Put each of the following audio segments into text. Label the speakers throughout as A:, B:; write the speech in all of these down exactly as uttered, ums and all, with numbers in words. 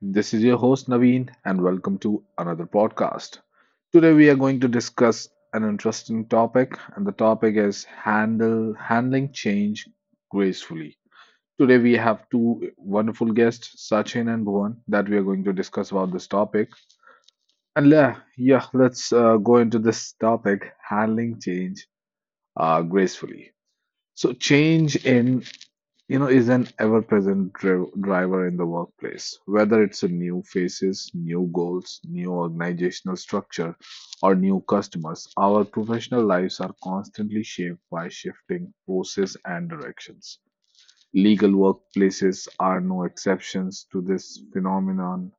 A: This is your host Naveen, and welcome to another podcast. Today, we are going to discuss an interesting topic, and the topic is handle handling change gracefully. Today, we have two wonderful guests, Sachin and Bhuvan, that we are going to discuss about this topic. And yeah, yeah, let's uh, go into this topic: handling change uh, gracefully. So, change in you know, is an ever-present dri- driver in the workplace. Whether it's a new faces, new goals, new organizational structure, or new customers, our professional lives are constantly shaped by shifting forces and directions. Legal workplaces are no exceptions to this phenomenon.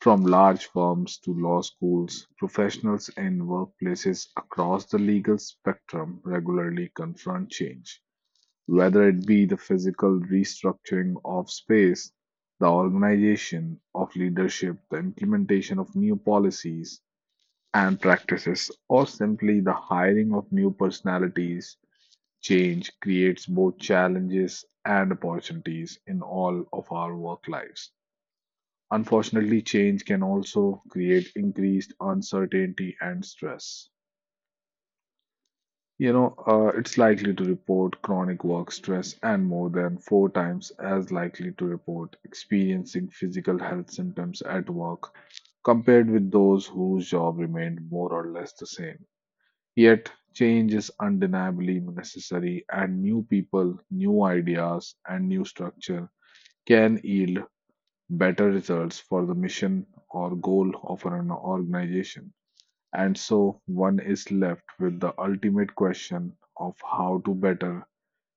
A: From large firms to law schools, professionals in workplaces across the legal spectrum regularly confront change, whether it be the physical restructuring of space, the organization of leadership, the implementation of new policies and practices, or simply the hiring of new personalities. Change creates both challenges and opportunities in all of our work lives. Unfortunately, change can also create increased uncertainty and stress. You know, uh, it's likely to report chronic work stress and more than four times as likely to report experiencing physical health symptoms at work compared with those whose job remained more or less the same. Yet, change is undeniably necessary, and new people, new ideas, and new structure can yield better results for the mission or goal of an organization. And so, one is left with the ultimate question of how to better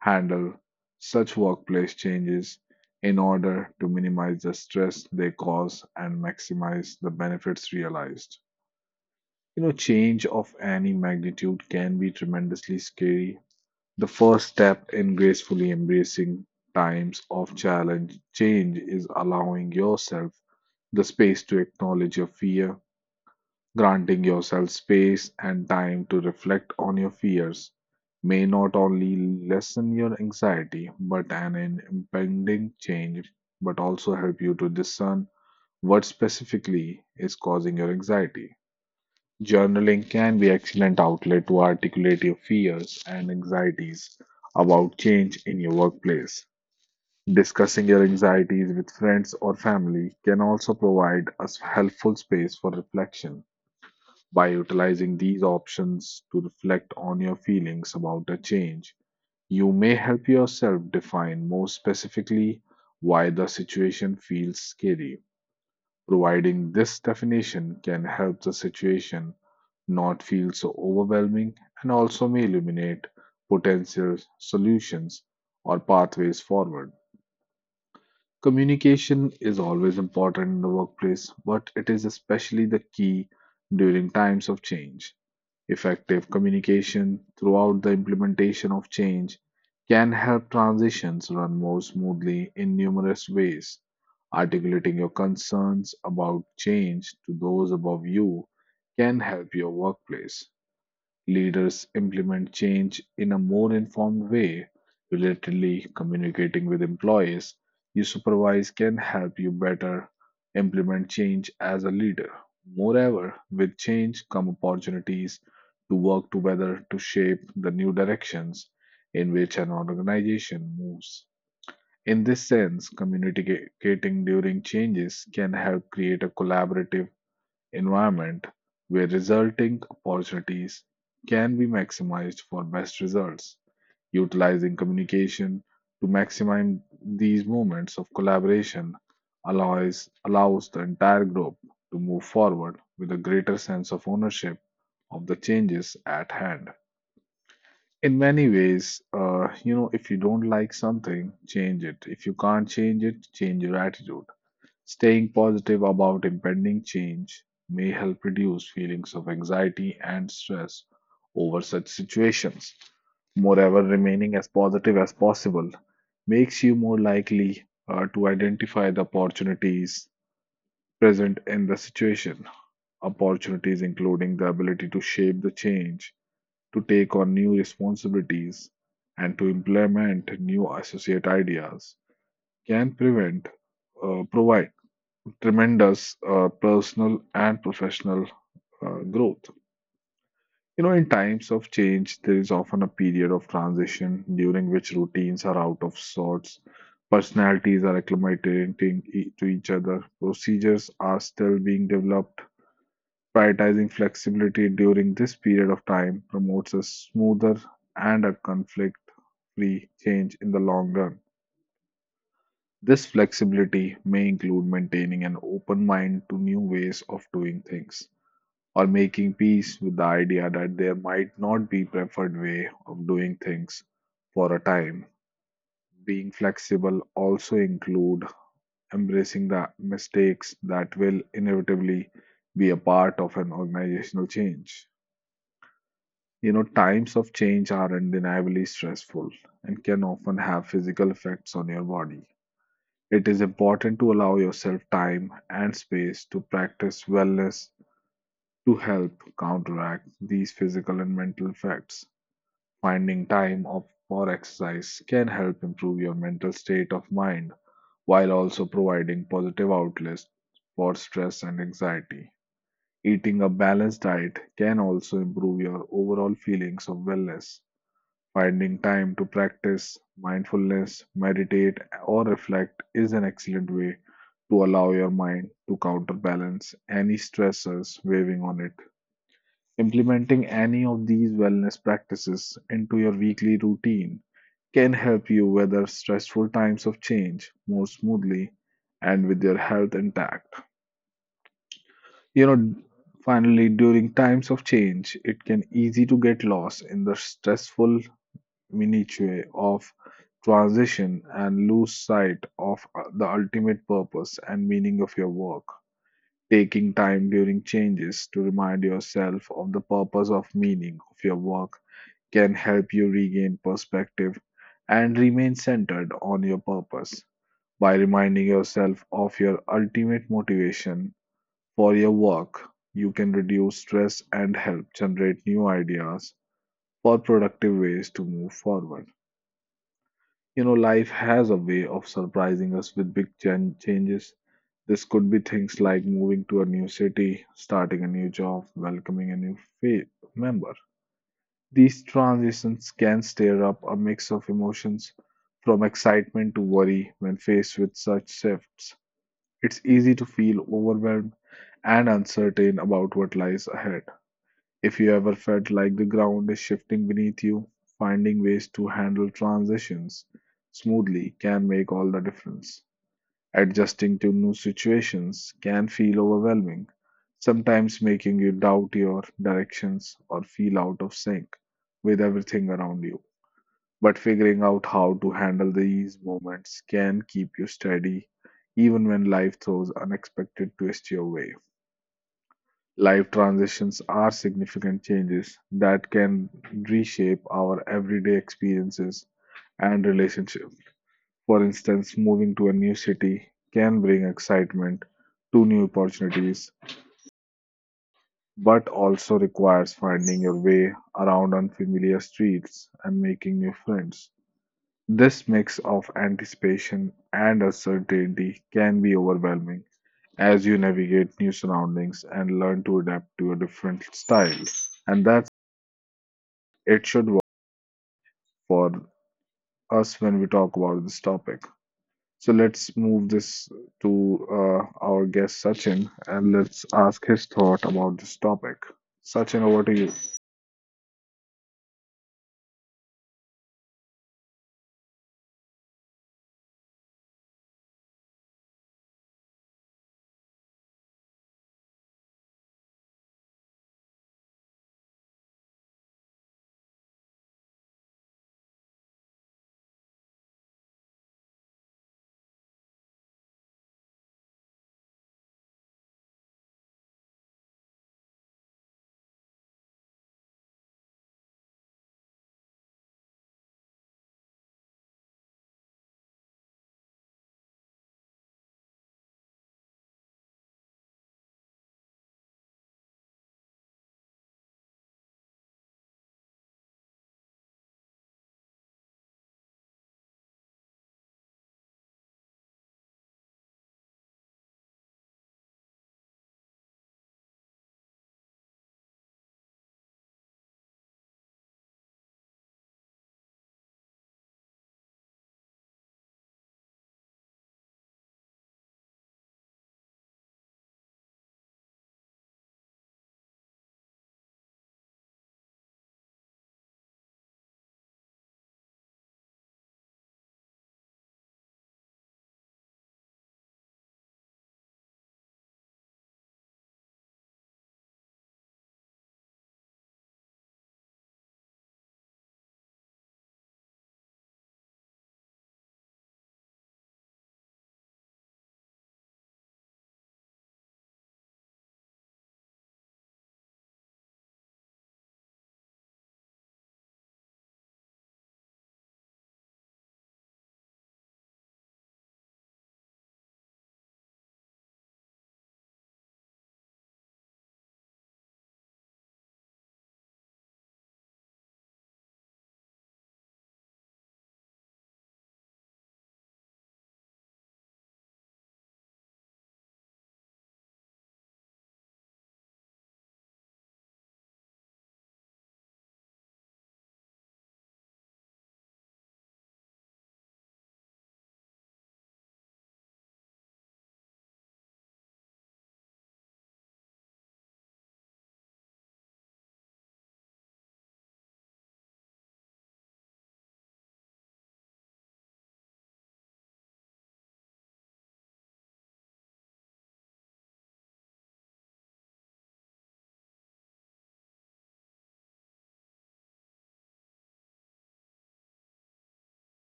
A: handle such workplace changes in order to minimize the stress they cause and maximize the benefits realized. You know, change of any magnitude can be tremendously scary. The first step in gracefully embracing times of challenge change is allowing yourself the space to acknowledge your fear. Granting yourself space and time to reflect on your fears may not only lessen your anxiety but an impending change, but also help you to discern what specifically is causing your anxiety. Journaling can be excellent outlet to articulate your fears and anxieties about change in your workplace. Discussing your anxieties with friends or family can also provide a helpful space for reflection. By utilizing these options to reflect on your feelings about a change, you may help yourself define more specifically why the situation feels scary. Providing this definition can help the situation not feel so overwhelming and also may illuminate potential solutions or pathways forward. Communication is always important in the workplace, but it is especially the key during times of change. Effective communication throughout the implementation of change can help transitions run more smoothly in numerous ways. Articulating your concerns about change to those above you can help your workplace leaders implement change in a more informed way. Relatedly, communicating with employees you supervise can help you better implement change as a leader. Moreover, with change come opportunities to work together to shape the new directions in which an organization moves. In this sense, communicating during changes can help create a collaborative environment where resulting opportunities can be maximized for best results. Utilizing communication to maximize these moments of collaboration allows allows the entire group to move forward with a greater sense of ownership of the changes at hand. In many ways, uh, you know, if you don't like something, change it. If you can't change it, change your attitude. Staying positive about impending change may help reduce feelings of anxiety and stress over such situations. Moreover, remaining as positive as possible makes you more likely uh, to identify the opportunities present in the situation. Opportunities including the ability to shape the change, to take on new responsibilities, and to implement new associate ideas can prevent, uh, provide tremendous uh, personal and professional uh, growth. You know, in times of change, there is often a period of transition during which routines are out of sorts, personalities are acclimating e- to each other, procedures are still being developed. Prioritizing flexibility during this period of time promotes a smoother and a conflict free change in the long run. This flexibility may include maintaining an open mind to new ways of doing things, or making peace with the idea that there might not be preferred way of doing things for a time. Being flexible also include embracing the mistakes that will inevitably be a part of an organizational change. You know, times of change are undeniably stressful and can often have physical effects on your body. It is important to allow yourself time and space to practice wellness to help counteract these physical and mental effects. Finding time of, for exercise can help improve your mental state of mind while also providing positive outlets for stress and anxiety. Eating a balanced diet can also improve your overall feelings of wellness. Finding time to practice mindfulness, meditate, or reflect is an excellent way to allow your mind to counterbalance any stressors weighing on it. Implementing any of these wellness practices into your weekly routine can help you weather stressful times of change more smoothly and with your health intact. You know, finally, during times of change, it can easy to get lost in the stressful minutiae of transition and lose sight of uh, the ultimate purpose and meaning of your work. Taking time during changes to remind yourself of the purpose of meaning of your work can help you regain perspective and remain centered on your purpose. By reminding yourself of your ultimate motivation for your work, you can reduce stress and help generate new ideas for productive ways to move forward. You know, life has a way of surprising us with big chan- changes. This could be things like moving to a new city, starting a new job, welcoming a new fa- member. These transitions can stir up a mix of emotions, from excitement to worry. When faced with such shifts, it's easy to feel overwhelmed and uncertain about what lies ahead. If you ever felt like the ground is shifting beneath you, finding ways to handle transitions smoothly can make all the difference. Adjusting to new situations can feel overwhelming, sometimes making you doubt your directions or feel out of sync with everything around you, but figuring out how to handle these moments can keep you steady even when life throws unexpected twists your way. Life transitions are significant changes that can reshape our everyday experiences and relationships. For instance, moving to a new city can bring excitement to new opportunities, but also requires finding your way around unfamiliar streets and making new friends. This mix of anticipation and uncertainty can be overwhelming as you navigate new surroundings and learn to adapt to a different style. And that's it should work for us when we talk about this topic. So let's move this to uh, our guest Sachin, and let's ask his thought about this topic. Sachin, over to you.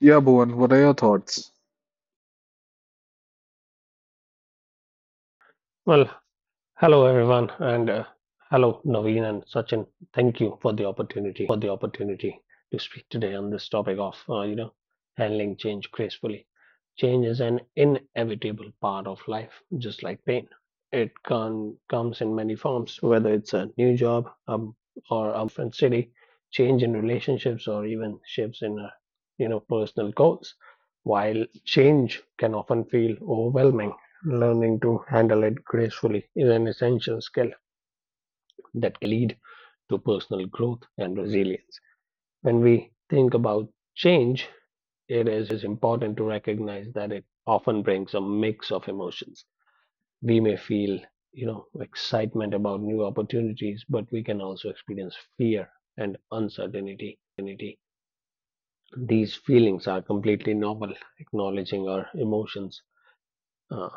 A: Yeah, Bhuvan, what are your thoughts?
B: Well, hello everyone, and uh, hello Naveen and Sachin. Thank you for the opportunity to speak today on this topic of uh, you know handling change gracefully. Change is an inevitable part of life, just like pain. It can comes in many forms, whether it's a new job, um, or a move to a different city, change in relationships, or even shifts in uh, you know personal goals. While change can often feel overwhelming, learning to handle it gracefully is an essential skill that can lead to personal growth and resilience. When we think about change, it is important to recognize that it often brings a mix of emotions. We may feel, you know, excitement about new opportunities, but we can also experience fear and uncertainty. These feelings are completely normal. Acknowledging our emotions uh,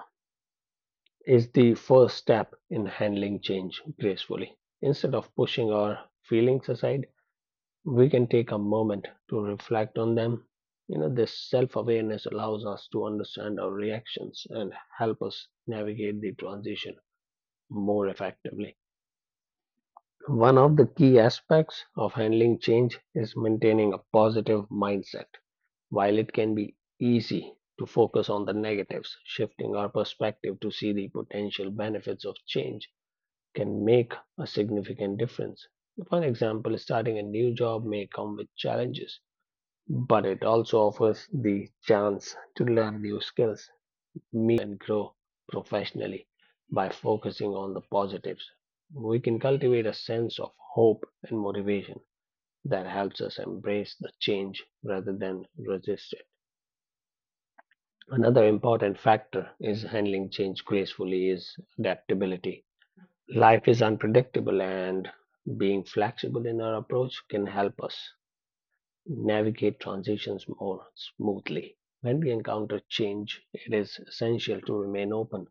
B: is the first step in handling change gracefully. Instead of pushing our feelings aside, we can take a moment to reflect on them. You know, this self awareness allows us to understand our reactions and help us navigate the transition more effectively. One of the key aspects of handling change is maintaining a positive mindset. While it can be easy to focus on the negatives, shifting our perspective to see the potential benefits of change can make a significant difference. For example, starting a new job may come with challenges, but it also offers the chance to learn new skills, meet new people, and grow professionally by focusing on the positives. We can cultivate a sense of hope and motivation that helps us embrace the change rather than resist it. Another important factor is handling change gracefully is adaptability. Life is unpredictable, and being flexible in our approach can help us navigate transitions more smoothly. When we encounter change, it is essential to remain open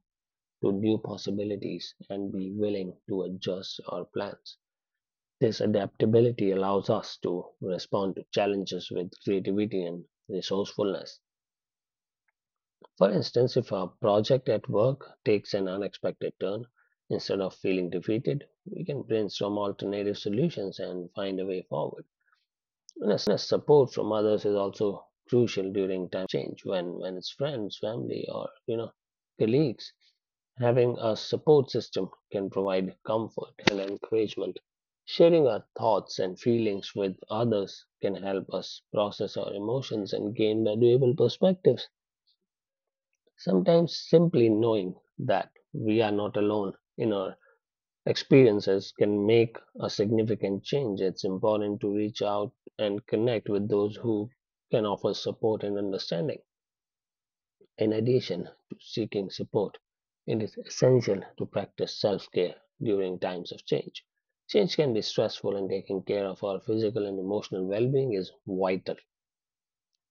B: to new possibilities and be willing to adjust our plans. This adaptability allows us to respond to challenges with creativity and resourcefulness. For instance, if our project at work takes an unexpected turn, instead of feeling defeated, we can brainstorm alternative solutions and find a way forward. And support from others is also crucial during time of change when, when it's friends, family, or you know, colleagues. Having a support system can provide comfort and encouragement. Sharing our thoughts and feelings with others can help us process our emotions and gain valuable perspectives. Sometimes simply knowing that we are not alone in our experiences can make a significant change. It's important to reach out and connect with those who can offer support and understanding. In addition to seeking support, it is essential to practice self care during times of change. Change can be stressful, and taking care of our physical and emotional well being is vital.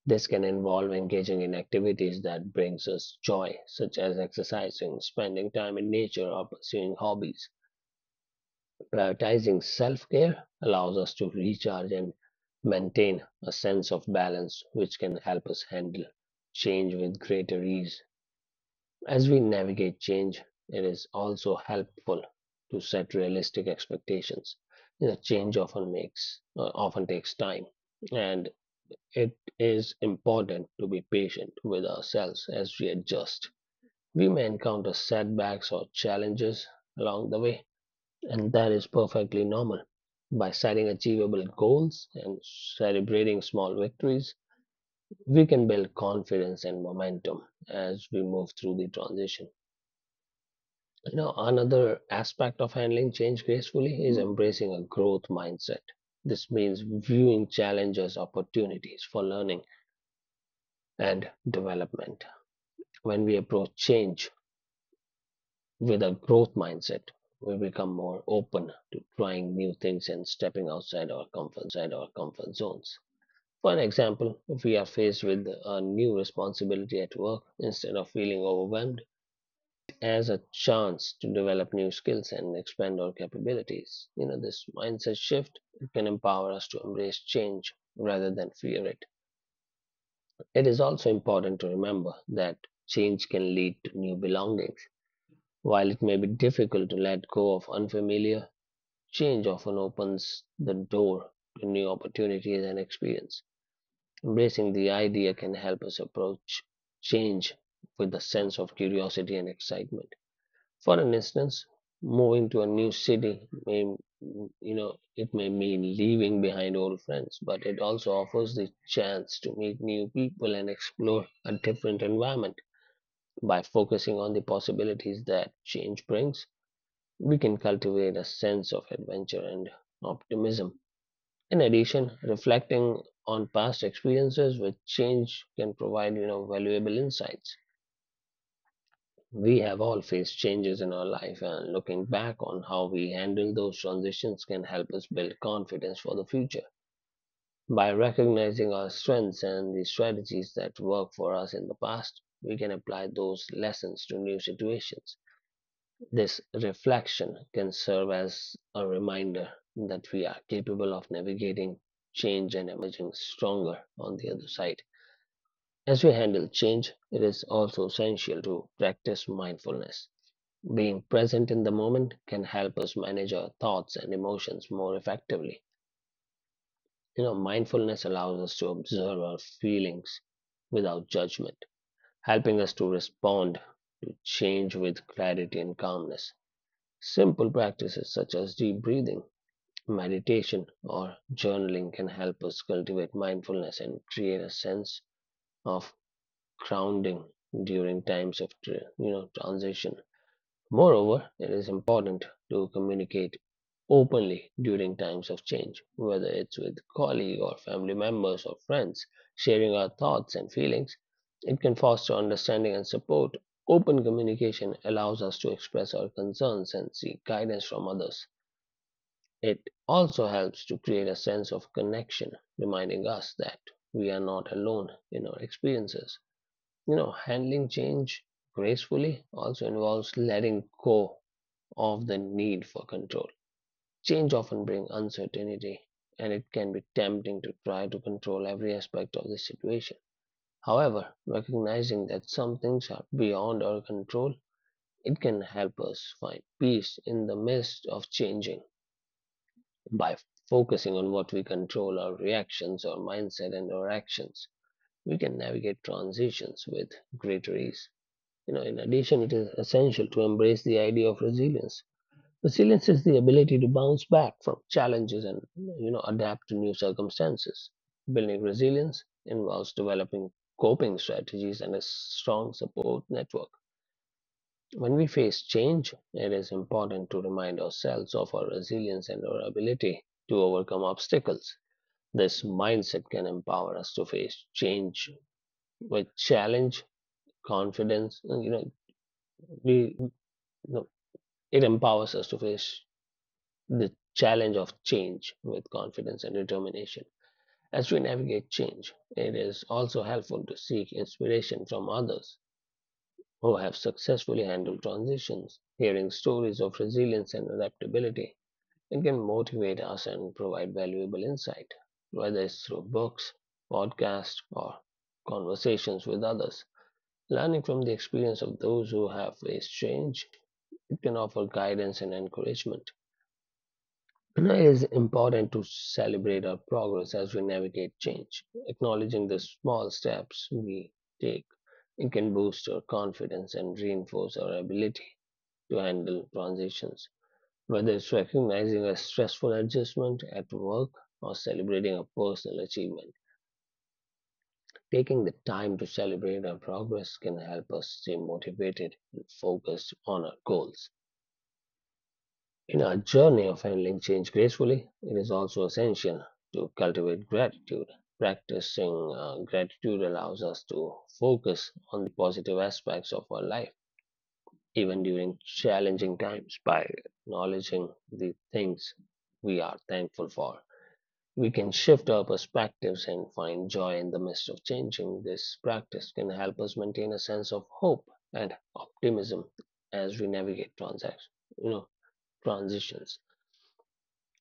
B: This can involve engaging in activities that brings us joy, such as exercising, spending time in nature, or pursuing hobbies. Prioritizing self-care allows us to recharge and maintain a sense of balance, which can help us handle change with greater ease. As we navigate change, it is also helpful to set realistic expectations. You know, change often makes uh, often takes time and it is important to be patient with ourselves as we adjust. We may encounter setbacks or challenges along the way, and that is perfectly normal. By setting achievable goals and celebrating small victories, we can build confidence and momentum as we move through the transition. You know, another aspect of handling change gracefully is embracing a growth mindset. This means viewing challenges, as opportunities for learning and development. When we approach change with a growth mindset, we become more open to trying new things and stepping outside our comfort zones. For an example, if we are faced with a new responsibility at work, instead of feeling overwhelmed, we can see it as a chance to develop new skills and expand our capabilities. You know, this mindset shift can empower us to embrace change rather than fear it. It is also important to remember that change can lead to new belongings. While it may be difficult to let go of unfamiliar, change often opens the door to new opportunities and experience. Embracing the idea can help us approach change with a sense of curiosity and excitement. For an instance, moving to a new city may you know it may mean leaving behind old friends, but it also offers the chance to meet new people and explore a different environment by focusing on the possibilities that change brings. We can cultivate a sense of adventure and optimism. In addition, reflecting on past experiences with change can provide you know valuable insights. We have all faced changes in our life, and looking back on how we handle those transitions can help us build confidence for the future. By recognizing our strengths and the strategies that worked for us in the past, we can apply those lessons to new situations. This reflection can serve as a reminder that we are capable of navigating change and emerging stronger on the other side. As we handle change, it is also essential to practice mindfulness. Being present in the moment can help us manage our thoughts and emotions more effectively. You know, mindfulness allows us to observe our feelings without judgment, helping us to respond to change with clarity and calmness. Simple practices such as deep breathing, meditation or journaling can help us cultivate mindfulness and create a sense of grounding during times of you know transition. Moreover, it is important to communicate openly during times of change, whether it's with colleagues or family members or friends, sharing our thoughts and feelings. It can foster understanding and support. Open communication allows us to express our concerns and seek guidance from others. It also helps to create a sense of connection, reminding us that we are not alone in our experiences. You know, handling change gracefully also involves letting go of the need for control. Change often brings uncertainty, and it can be tempting to try to control every aspect of the situation. However, recognizing that some things are beyond our control, it can help us find peace in the midst of changing. By focusing on what we control, our reactions, our mindset, and our actions, we can navigate transitions with greater ease. You know, in addition, it is essential to embrace the idea of resilience. Resilience is the ability to bounce back from challenges and you know adapt to new circumstances. Building resilience involves developing coping strategies and a strong support network. When we face change, it is important to remind ourselves of our resilience and our ability to overcome obstacles. This mindset can empower us to face change with challenge, confidence. And, You know, we you know, It empowers us to face the challenge of change with confidence and determination. As we navigate change, it is also helpful to seek inspiration from others who have successfully handled transitions. Hearing stories of resilience and adaptability. It can motivate us and provide valuable insight, whether it's through books, podcasts, or conversations with others. Learning from the experience of those who have faced change, it can offer guidance and encouragement. It is important to celebrate our progress as we navigate change, acknowledging the small steps we take. It can boost our confidence and reinforce our ability to handle transitions. Whether it's recognizing a stressful adjustment at work or celebrating a personal achievement, taking the time to celebrate our progress can help us stay motivated and focused on our goals. In our journey of handling change gracefully, it is also essential to cultivate gratitude. Practicing uh, gratitude allows us to focus on the positive aspects of our life, even during challenging times, by acknowledging the things we are thankful for. We can shift our perspectives and find joy in the midst of changing. This practice can help us maintain a sense of hope and optimism as we navigate transactions, you know, transitions.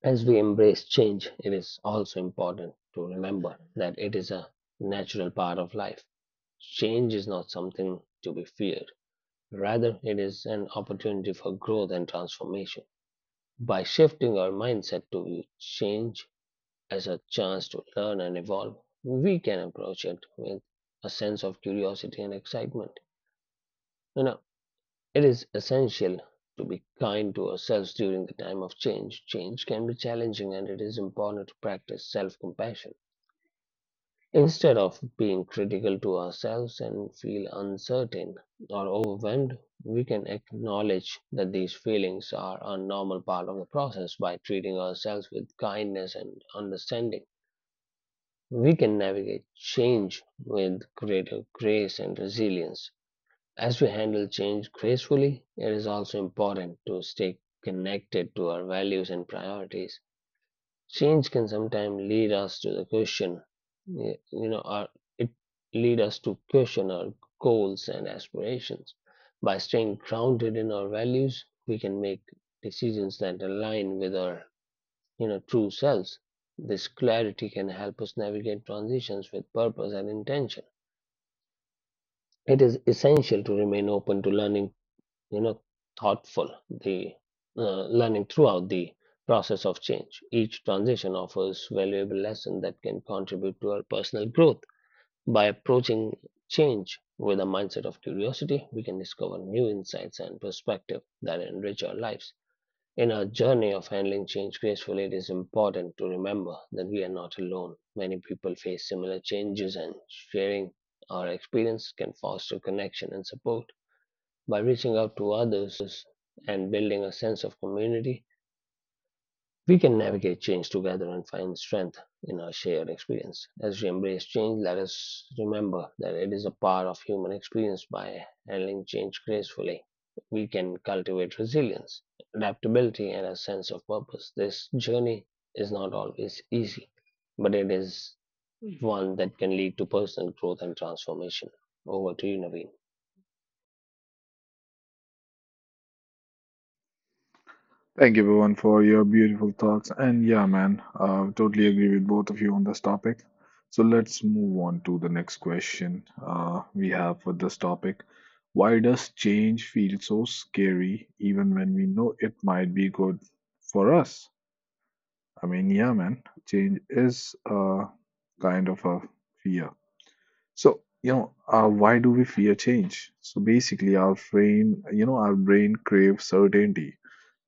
B: As we embrace change, it is also important to remember that it is a natural part of life. Change is not something to be feared. Rather, it is an opportunity for growth and transformation. By shifting our mindset to view change as a chance to learn and evolve, we can approach it with a sense of curiosity and excitement. You know, it is essential to be kind to ourselves during the time of change. Change can be challenging, and it is important to practice self compassion. Instead of being critical to ourselves and feel uncertain or overwhelmed, we can acknowledge that these feelings are a normal part of the process by treating ourselves with kindness and understanding. We can navigate change with greater grace and resilience. As we handle change gracefully, it is also important to stay connected to our values and priorities. Change can sometimes lead us to the question, you know, our, it lead us to question our goals and aspirations. By staying grounded in our values, we can make decisions that align with our you know true selves. This clarity can help us navigate transitions with purpose and intention. It is essential to remain open to learning, you know, thoughtful, the uh, learning throughout the process of change. Each transition offers valuable lesson that can contribute to our personal growth. By approaching change with a mindset of curiosity, we can discover new insights and perspective that enrich our lives. In our journey of handling change gracefully, it is important to remember that we are not alone. Many people face similar changes, and sharing our experience can foster connection and support. By reaching out to others and building a sense of community, we can navigate change together and find strength in our shared experience. As we embrace change, let us remember that it is a part of human experience. By handling change gracefully, we can cultivate resilience, adaptability, and a sense of purpose. This journey is not always easy, but it is one that can lead to personal growth and transformation. Over to you, Naveen.
A: Thank you, everyone, for your beautiful thoughts. And yeah, man, uh, totally agree with both of you on this topic. So let's move on to the next question uh, we have for this topic. Why does change feel so scary even when we know it might be good for us? I mean, yeah, man, change is uh, kind of a fear. So, you know, uh, why do we fear change? So basically, our brain, you know, our brain craves certainty.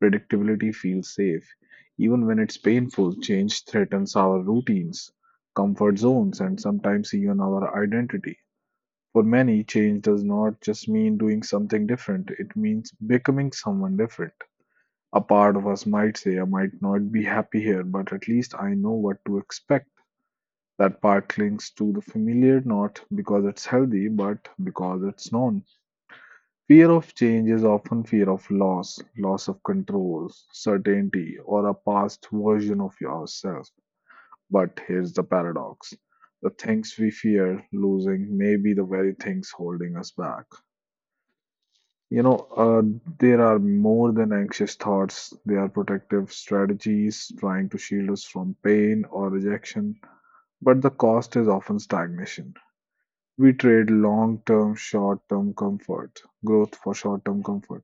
A: Predictability feels safe. Even when it's painful, change threatens our routines, comfort zones, and sometimes even our identity. For many, change does not just mean doing something different, it means becoming someone different. A part of us might say, I might not be happy here, but at least I know what to expect. That part clings to the familiar, not because it's healthy, but because it's known. Fear of change is often fear of loss: loss of control, certainty, or a past version of yourself. But here's the paradox: the things we fear losing may be the very things holding us back. You know, uh, there are more than anxious thoughts. They are protective strategies trying to shield us from pain or rejection, but the cost is often stagnation. We trade long-term, short-term comfort, growth for short-term comfort.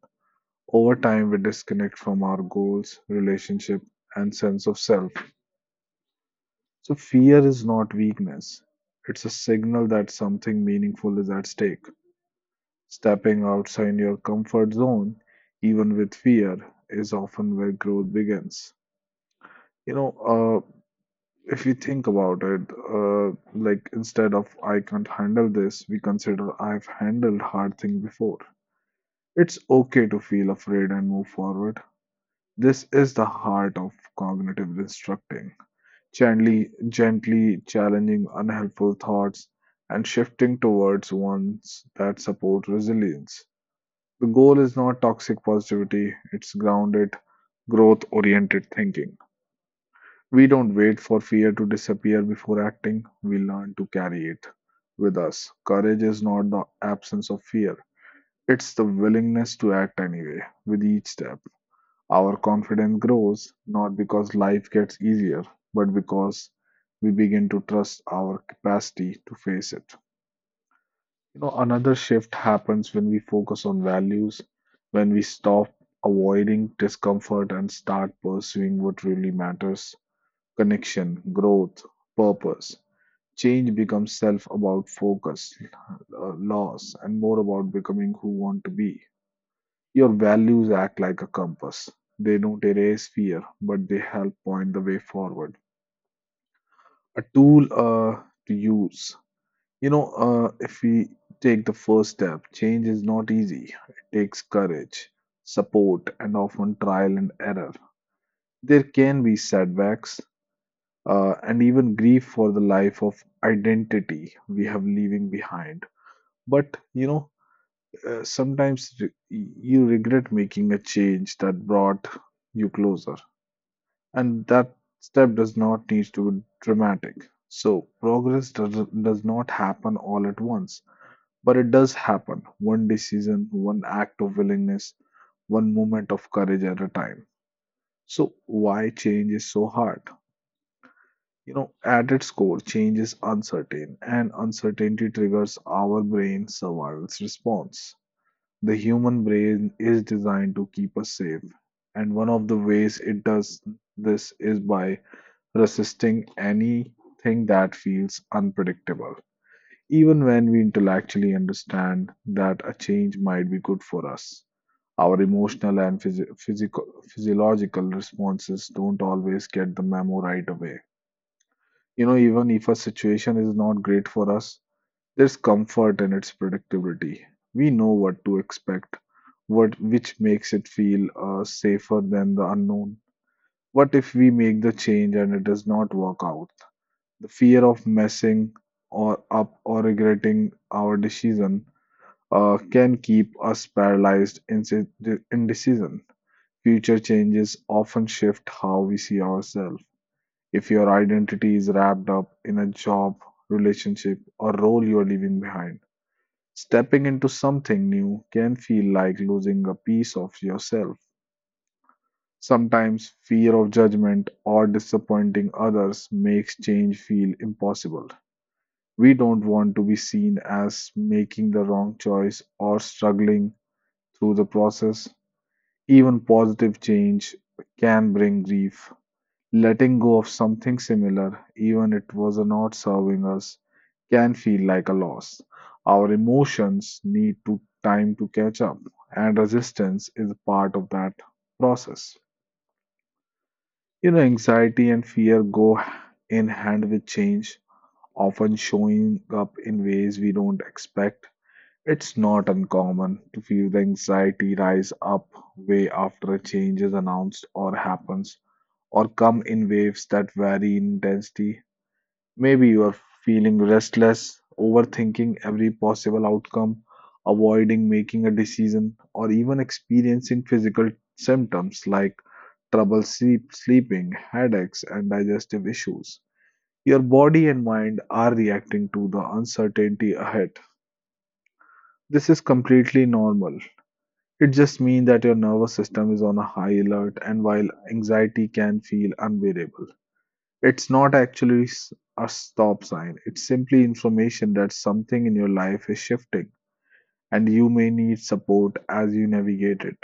A: Over time, we disconnect from our goals, relationship, and sense of self. So, fear is not weakness. It's a signal that something meaningful is at stake. Stepping outside your comfort zone, even with fear, is often where growth begins. You know, uh, if you think about it, uh, like, instead of I can't handle this, we consider I've handled hard thing before. It's okay to feel afraid and move forward. This is the heart of cognitive restructuring: gently, gently challenging unhelpful thoughts and shifting towards ones that support resilience. The goal is not toxic positivity, it's grounded, growth oriented thinking. We don't wait for fear to disappear before acting, we learn to carry it with us. Courage is not the absence of fear, it's the willingness to act anyway with each step. Our confidence grows not because life gets easier, but because we begin to trust our capacity to face it. You know, another shift happens when we focus on values, when we stop avoiding discomfort and start pursuing what really matters: connection, growth, purpose. Change becomes self about focus, uh, loss, and more about becoming who want to be. Your values act like a compass. They don't erase fear, but they help point the way forward. A tool uh, to use. You know, uh, if we take the first step, change is not easy. It takes courage, support, and often trial and error. There can be setbacks uh, and even grief for the life of identity we have leaving behind. But, you know, uh, sometimes re- you regret making a change that brought you closer. And that step does not need to be dramatic. So, progress does, does not happen all at once, but it does happen one decision, one act of willingness, one moment of courage at a time. So, why change is so hard? You know, at its core, change is uncertain, and uncertainty triggers our brain's survival response. The human brain is designed to keep us safe, and one of the ways it does this is by resisting anything that feels unpredictable, even when we intellectually understand that a change might be good for us. Our emotional and phys- physical, physiological responses don't always get the memo right away. You know, even if a situation is not great for us, there's comfort in its predictability. We know what to expect, what which makes it feel uh, safer than the unknown. What if we make the change and it does not work out? The fear of messing or up or regretting our decision uh, can keep us paralyzed in si- indecision. Future changes often shift how we see ourselves. If your identity is wrapped up in a job, relationship, or role you are leaving behind, stepping into something new can feel like losing a piece of yourself. Sometimes fear of judgment or disappointing others makes change feel impossible. We don't want to be seen as making the wrong choice or struggling through the process. Even positive change can bring grief. Letting go of something similar, even it was not serving us, can feel like a loss. Our emotions need to time to catch up, and resistance is part of that process. You know, anxiety and fear go in hand with change, often showing up in ways we don't expect. It's not uncommon to feel the anxiety rise up way after a change is announced or happens, or come in waves that vary in intensity. Maybe you are feeling restless, overthinking every possible outcome, avoiding making a decision, or even experiencing physical symptoms like trouble sleep, sleeping, headaches, and digestive issues. Your body and mind are reacting to the uncertainty ahead. This is completely normal. It just means that your nervous system is on a high alert, and while anxiety can feel unbearable, it's not actually s- a stop sign. It's simply information that something in your life is shifting, and you may need support as you navigate it.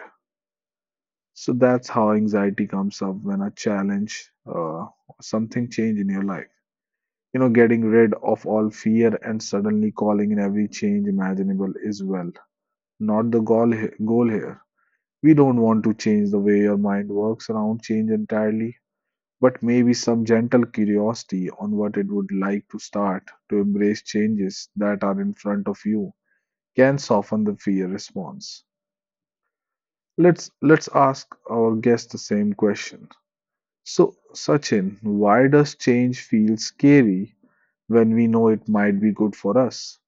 A: So that's how anxiety comes up when a challenge, uh, something change in your life. You know, getting rid of all fear and suddenly calling in every change imaginable is, well, not the goal he- goal here. We don't want to change the way your mind works around change entirely, but maybe some gentle curiosity on what it would like to start to embrace changes that are in front of you can soften the fear response. Let's let's ask our guest the same question. So, Sachin, why does change feel scary when we know it might be good for us?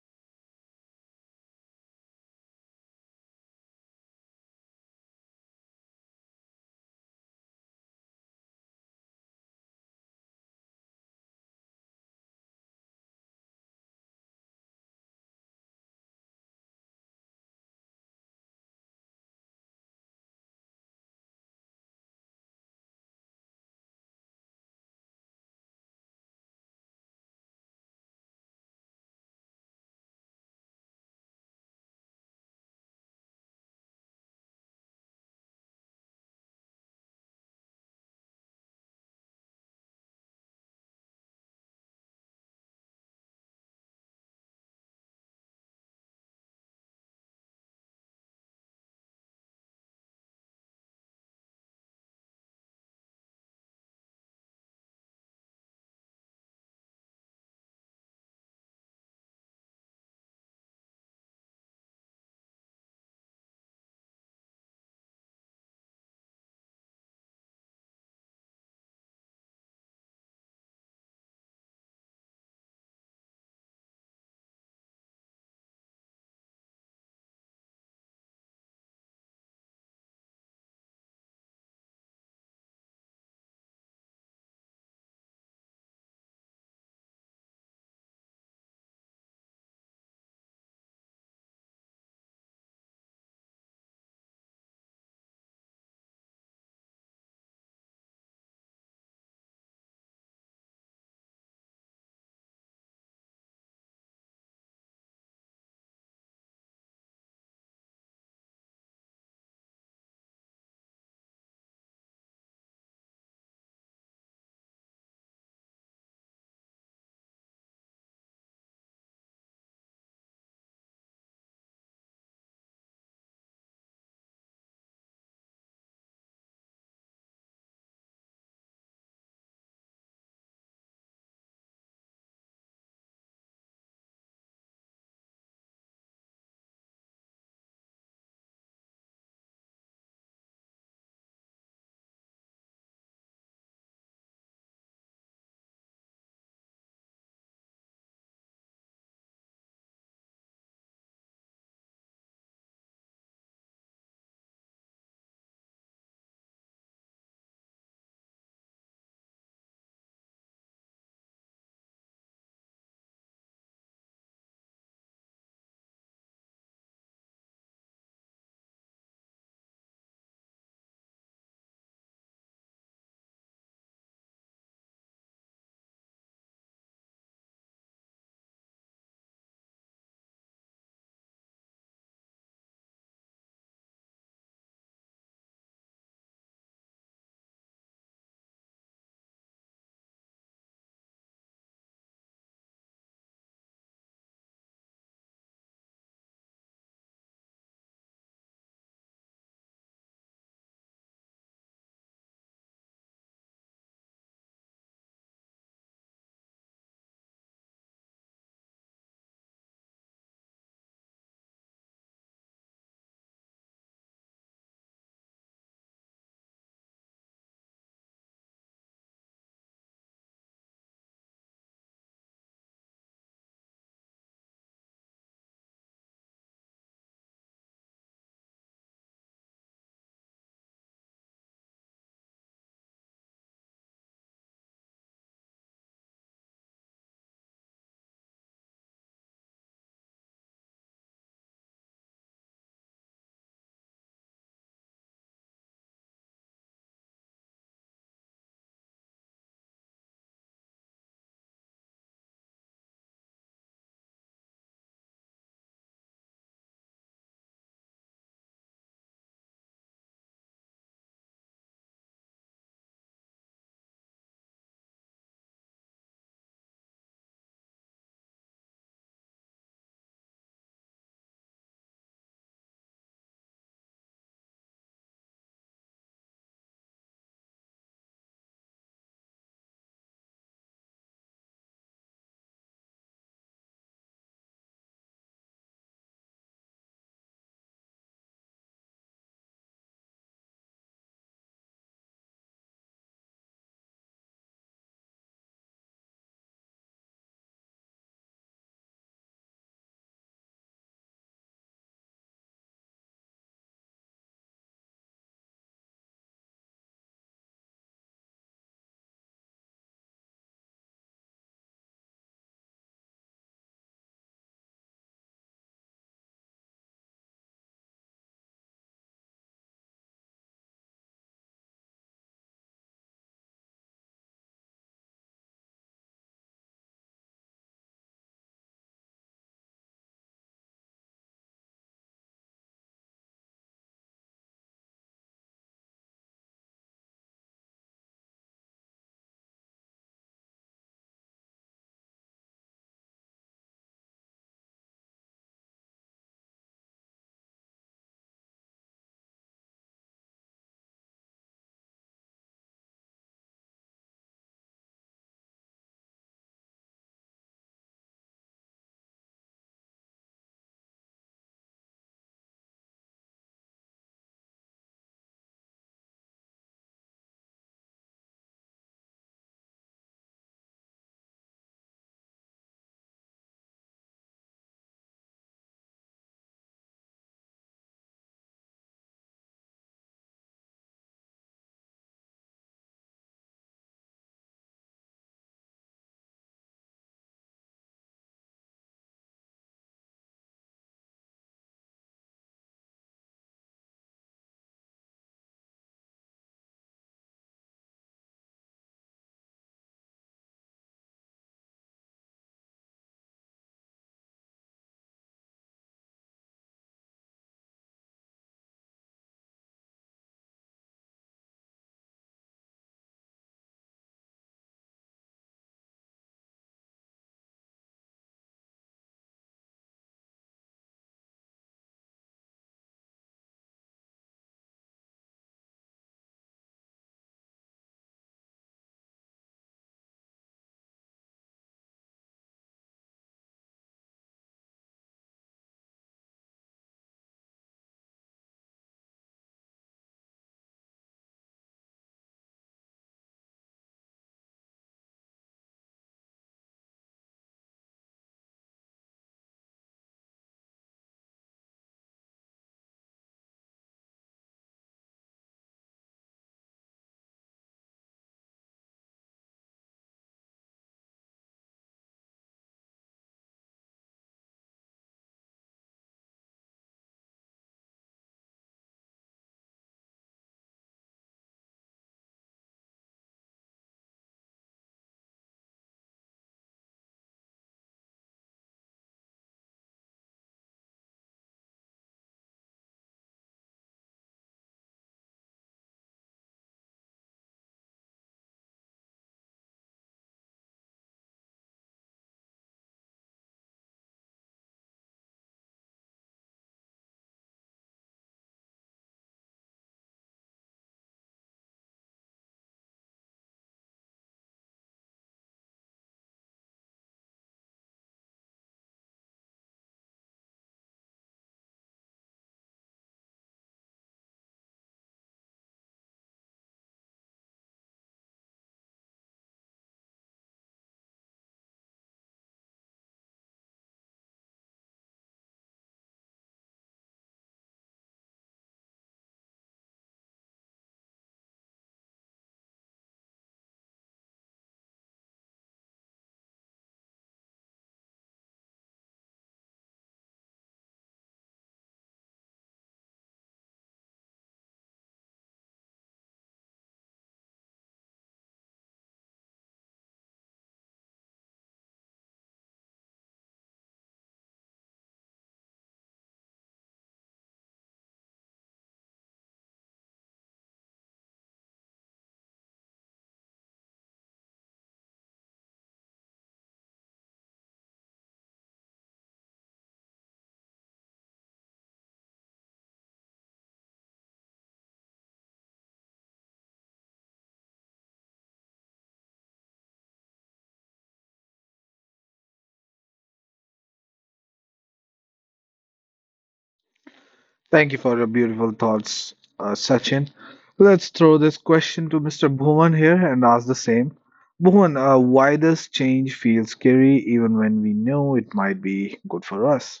A: Thank you for your beautiful thoughts, uh, Sachin. Let's throw this question to mister Bhuvan here and ask the same. Bhuvan, uh, why does change feel scary even when we know it might be good for us?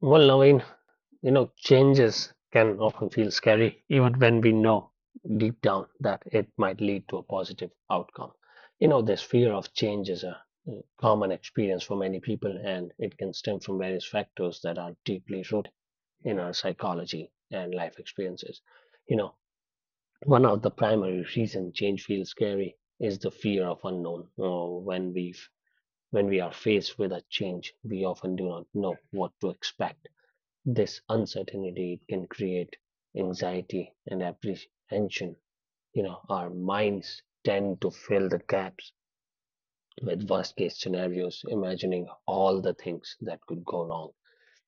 B: Well, Naveen, you know, changes can often feel scary, even when we know deep down that it might lead to a positive outcome. You know, this fear of change is a uh, common experience for many people, and it can stem from various factors that are deeply rooted in our psychology and life experiences. You know, One of the primary reasons change feels scary is the fear of unknown. Uh, when we when we are faced with a change, we often do not know what to expect. This uncertainty can create anxiety and apprehension. You know, our minds tend to fill the gaps with worst case scenarios, imagining all the things that could go wrong.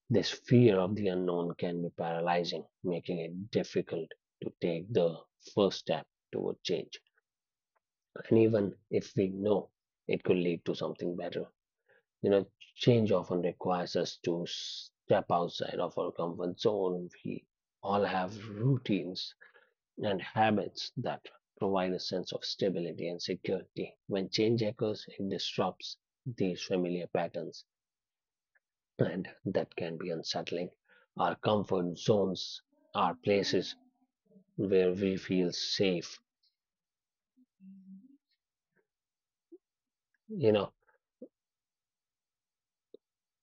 B: This fear of the unknown can be paralyzing, making it difficult to take the first step toward change. And even if we know it could lead to something better. You know, change often requires us to step outside of our comfort zone. We all have routines and habits that provide a sense of stability and security. When change occurs, it disrupts these familiar patterns, and that can be unsettling. Our comfort zones are places where we feel safe, you know,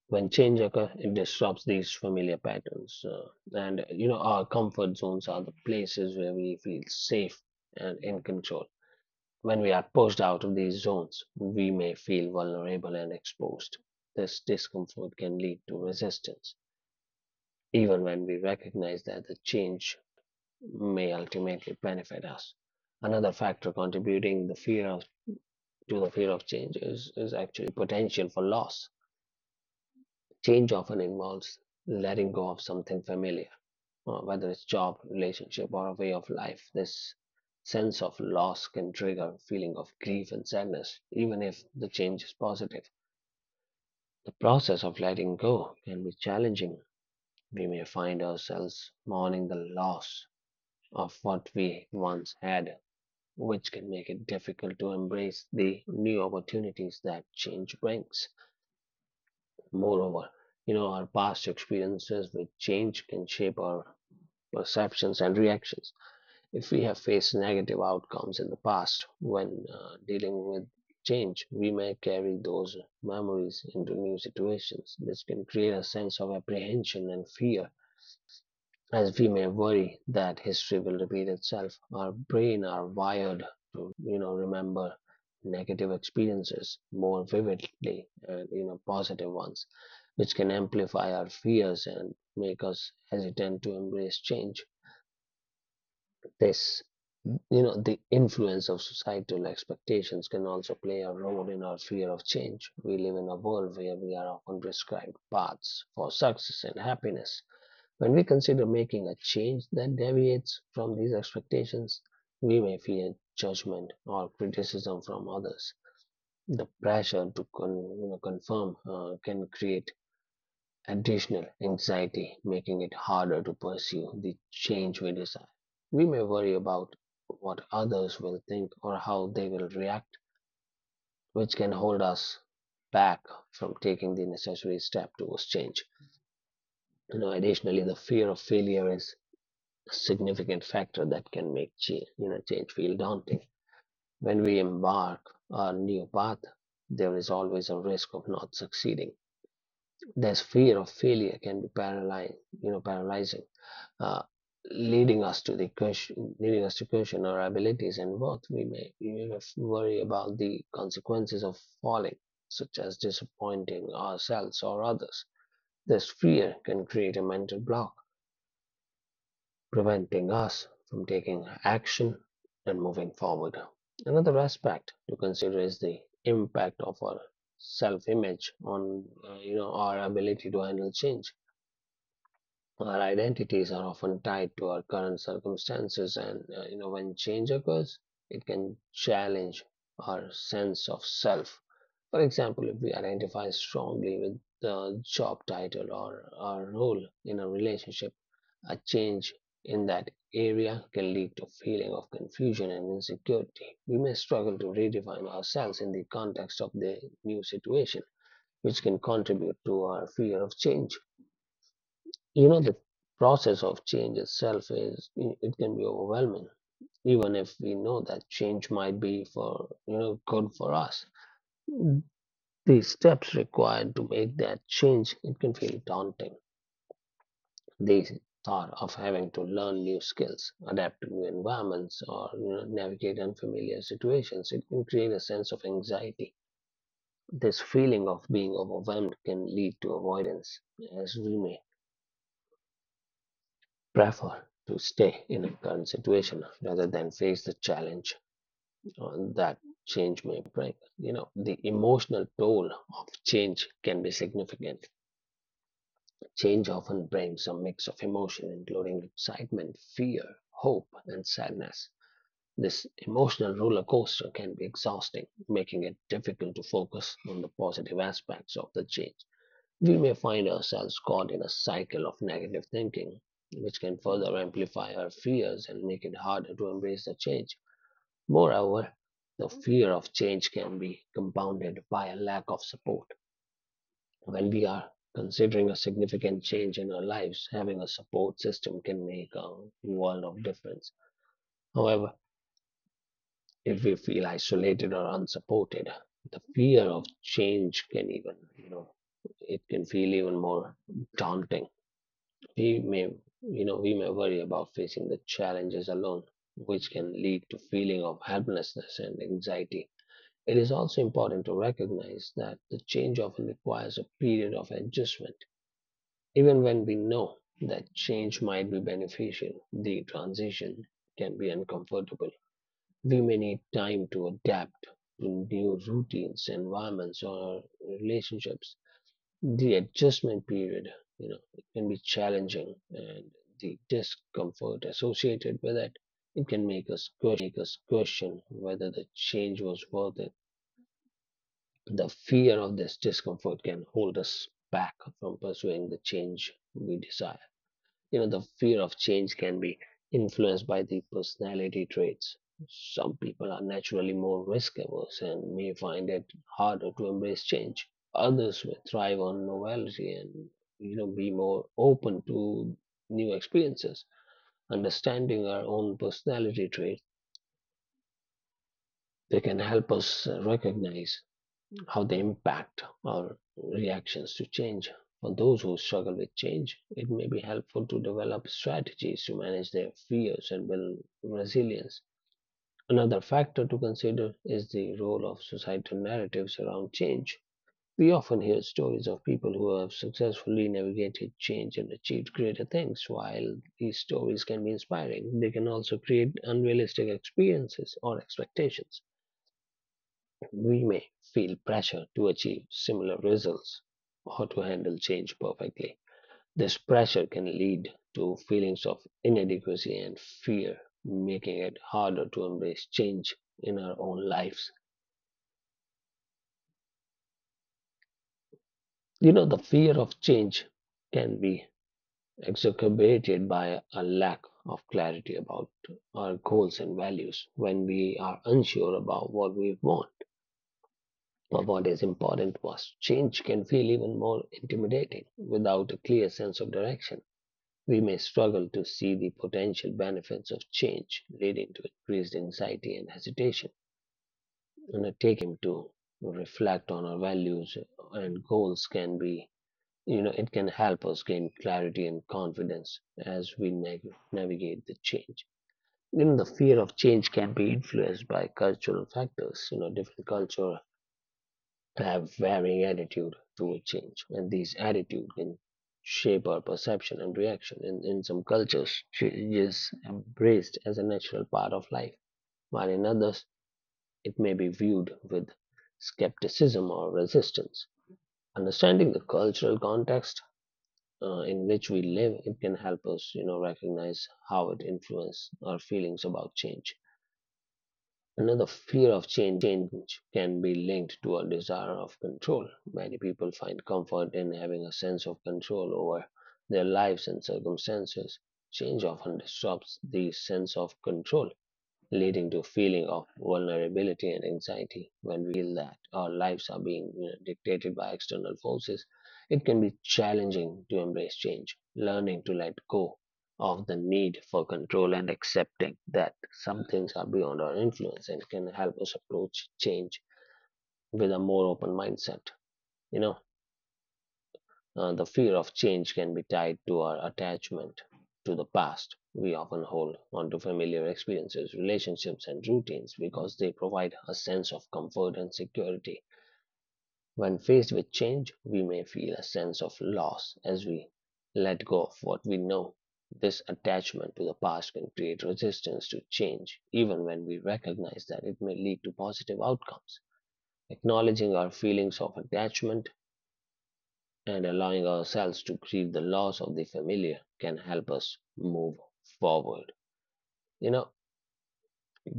B: when change occurs, it disrupts these familiar patterns. Uh, and, you know, our comfort zones are the places where we feel safe and in control. When we are pushed out of these zones, we may feel vulnerable and exposed. This discomfort can lead to resistance, even when we recognize that the change may ultimately benefit us. Another factor contributing the fear of, to the fear of change is, is actually the potential for loss. Change often involves letting go of something familiar, uh, whether it's job, relationship, or a way of life. This sense of loss can trigger a feeling of grief and sadness, even if the change is positive. The process of letting go can be challenging. We may find ourselves mourning the loss of what we once had, which can make it difficult to embrace the new opportunities that change brings. Moreover, you know, our past experiences with change can shape our perceptions, and reactions. If we have faced negative outcomes in the past when uh, dealing with change, we may carry those memories into new situations. This can create a sense of apprehension and fear, as we may worry that history will repeat itself. Our brain are wired to, you know, remember negative experiences more vividly and you know positive ones, which can amplify our fears and make us hesitant to embrace change. This you know The influence of societal expectations can also play a role in our fear of change. We live in a world where we are often prescribed paths for success and happiness. When we consider making a change that deviates from these expectations, we may fear judgment or criticism from others. The pressure to con- you know, confirm uh, can create additional anxiety, making it harder to pursue the change we desire. We may worry about what others will think or how they will react, which can hold us back from taking the necessary step towards change. You know, additionally, the fear of failure is a significant factor that can make change, you know, change feel daunting. When we embark on a new path, there is always a risk of not succeeding. This fear of failure can be paralyzing, you know, paralyzing, uh, leading us to the question, leading us to question our abilities and worth. We may, we may worry about the consequences of falling, such as disappointing ourselves or others. This fear can create a mental block, preventing us from taking action and moving forward. Another aspect to consider is the impact of our self-image on, uh, you know, our ability to handle change. Our identities are often tied to our current circumstances, and uh, you know when change occurs, it can challenge our sense of self. For example, if we identify strongly with the job title or our role in a relationship, a change in that area can lead to a feeling of confusion and insecurity. We may struggle to redefine ourselves in the context of the new situation, which can contribute to our fear of change. You know the process of change itself is it can be overwhelming. Even if we know that change might be for you know good for us. Mm, the steps required to make that change, it can feel daunting. The thought of having to learn new skills, adapt to new environments, or you know, navigate unfamiliar situations, it can create a sense of anxiety. This feeling of being overwhelmed can lead to avoidance, as we may prefer to stay in a current situation rather than face the challenge uh, that change may bring. You know, the emotional toll of change can be significant. Change often brings a mix of emotion, including excitement, fear, hope, and sadness. This emotional roller coaster can be exhausting, making it difficult to focus on the positive aspects of the change. We may find ourselves caught in a cycle of negative thinking, which can further amplify our fears and make it harder to embrace the change. Moreover, the fear of change can be compounded by a lack of support. When we are considering a significant change in our lives, having a support system can make a world of difference. However, if we feel isolated or unsupported, the fear of change can even, you know, it can feel even more daunting. We may, you know, we may worry about facing the challenges alone, which can lead to feeling of helplessness and anxiety. It is also important to recognize that the change often requires a period of adjustment. Even when we know that change might be beneficial, the transition can be uncomfortable. We may need time to adapt to new routines, environments, or relationships. The adjustment period, you know, it can be challenging, and the discomfort associated with it, it can make us question whether the change was worth it. The fear of this discomfort can hold us back from pursuing the change we desire. You know the fear of change can be influenced by the personality traits. Some people are naturally more risk averse and may find it harder to embrace change. Others will thrive on novelty and you know be more open to new experiences. Understanding our own personality traits, they can help us uh, recognize how they impact our reactions to change. For those who struggle with change, it may be helpful to develop strategies to manage their fears and build resilience. Another factor to consider is the role of societal narratives around change. We often hear stories of people who have successfully navigated change and achieved greater things. While these stories can be inspiring, they can also create unrealistic experiences or expectations. We may feel pressure to achieve similar results or to handle change perfectly. This pressure can lead to feelings of inadequacy and fear, making it harder to embrace change in our own lives. You know, the fear of change can be exacerbated by a lack of clarity about our goals and values. When we are unsure about what we want, what is important was, change can feel even more intimidating without a clear sense of direction. We may struggle to see the potential benefits of change, leading to increased anxiety and hesitation. And uh, taking the time to reflect on our values and goals can be, you know, it can help us gain clarity and confidence as we nav- navigate the change. Even the fear of change can be influenced by cultural factors. You know, different culture to have varying attitude toward change, and these attitude can shape our perception and reaction. In, in some cultures, change is embraced as a natural part of life, while in others, it may be viewed with skepticism or resistance. Understanding the cultural context uh, in which we live, it can help us, you know, recognize how it influences our feelings about change. Another fear of change can be linked to a desire of control. Many people find comfort in having a sense of control over their lives and circumstances. Change often disrupts the sense of control, leading to a feeling of vulnerability and anxiety. When we feel that our lives are being you know, dictated by external forces, it can be challenging to embrace change. Learning to let go of the need for control, and accepting that some things are beyond our influence, and can help us approach change with a more open mindset. You know, uh, the fear of change can be tied to our attachment to the past. We often hold onto familiar experiences, relationships, and routines because they provide a sense of comfort and security. When faced with change, we may feel a sense of loss as we let go of what we know. This attachment to the past can create resistance to change, even when we recognize that it may lead to positive outcomes. Acknowledging our feelings of attachment and allowing ourselves to grieve the loss of the familiar can help us move forward. You know,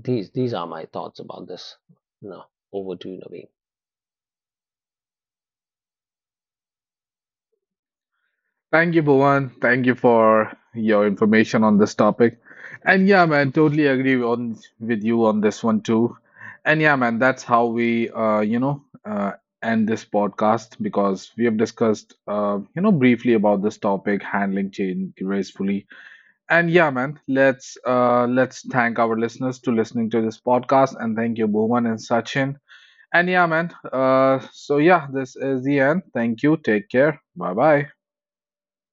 B: these these are my thoughts about this. Now, over to you, Naveen.
A: Thank you, Bhuvan. Thank you for your information on this topic. And yeah, man, totally agree on with you on this one too. And yeah, man, that's how we, uh, you know, uh, end this podcast because we have discussed, uh, you know, briefly about this topic, handling change gracefully. And yeah, man, let's uh let's thank our listeners to listening to this podcast and thank you, Bhuvan and Sachin. And yeah, man. Uh so yeah, this is the end. Thank you. Take care. Bye bye.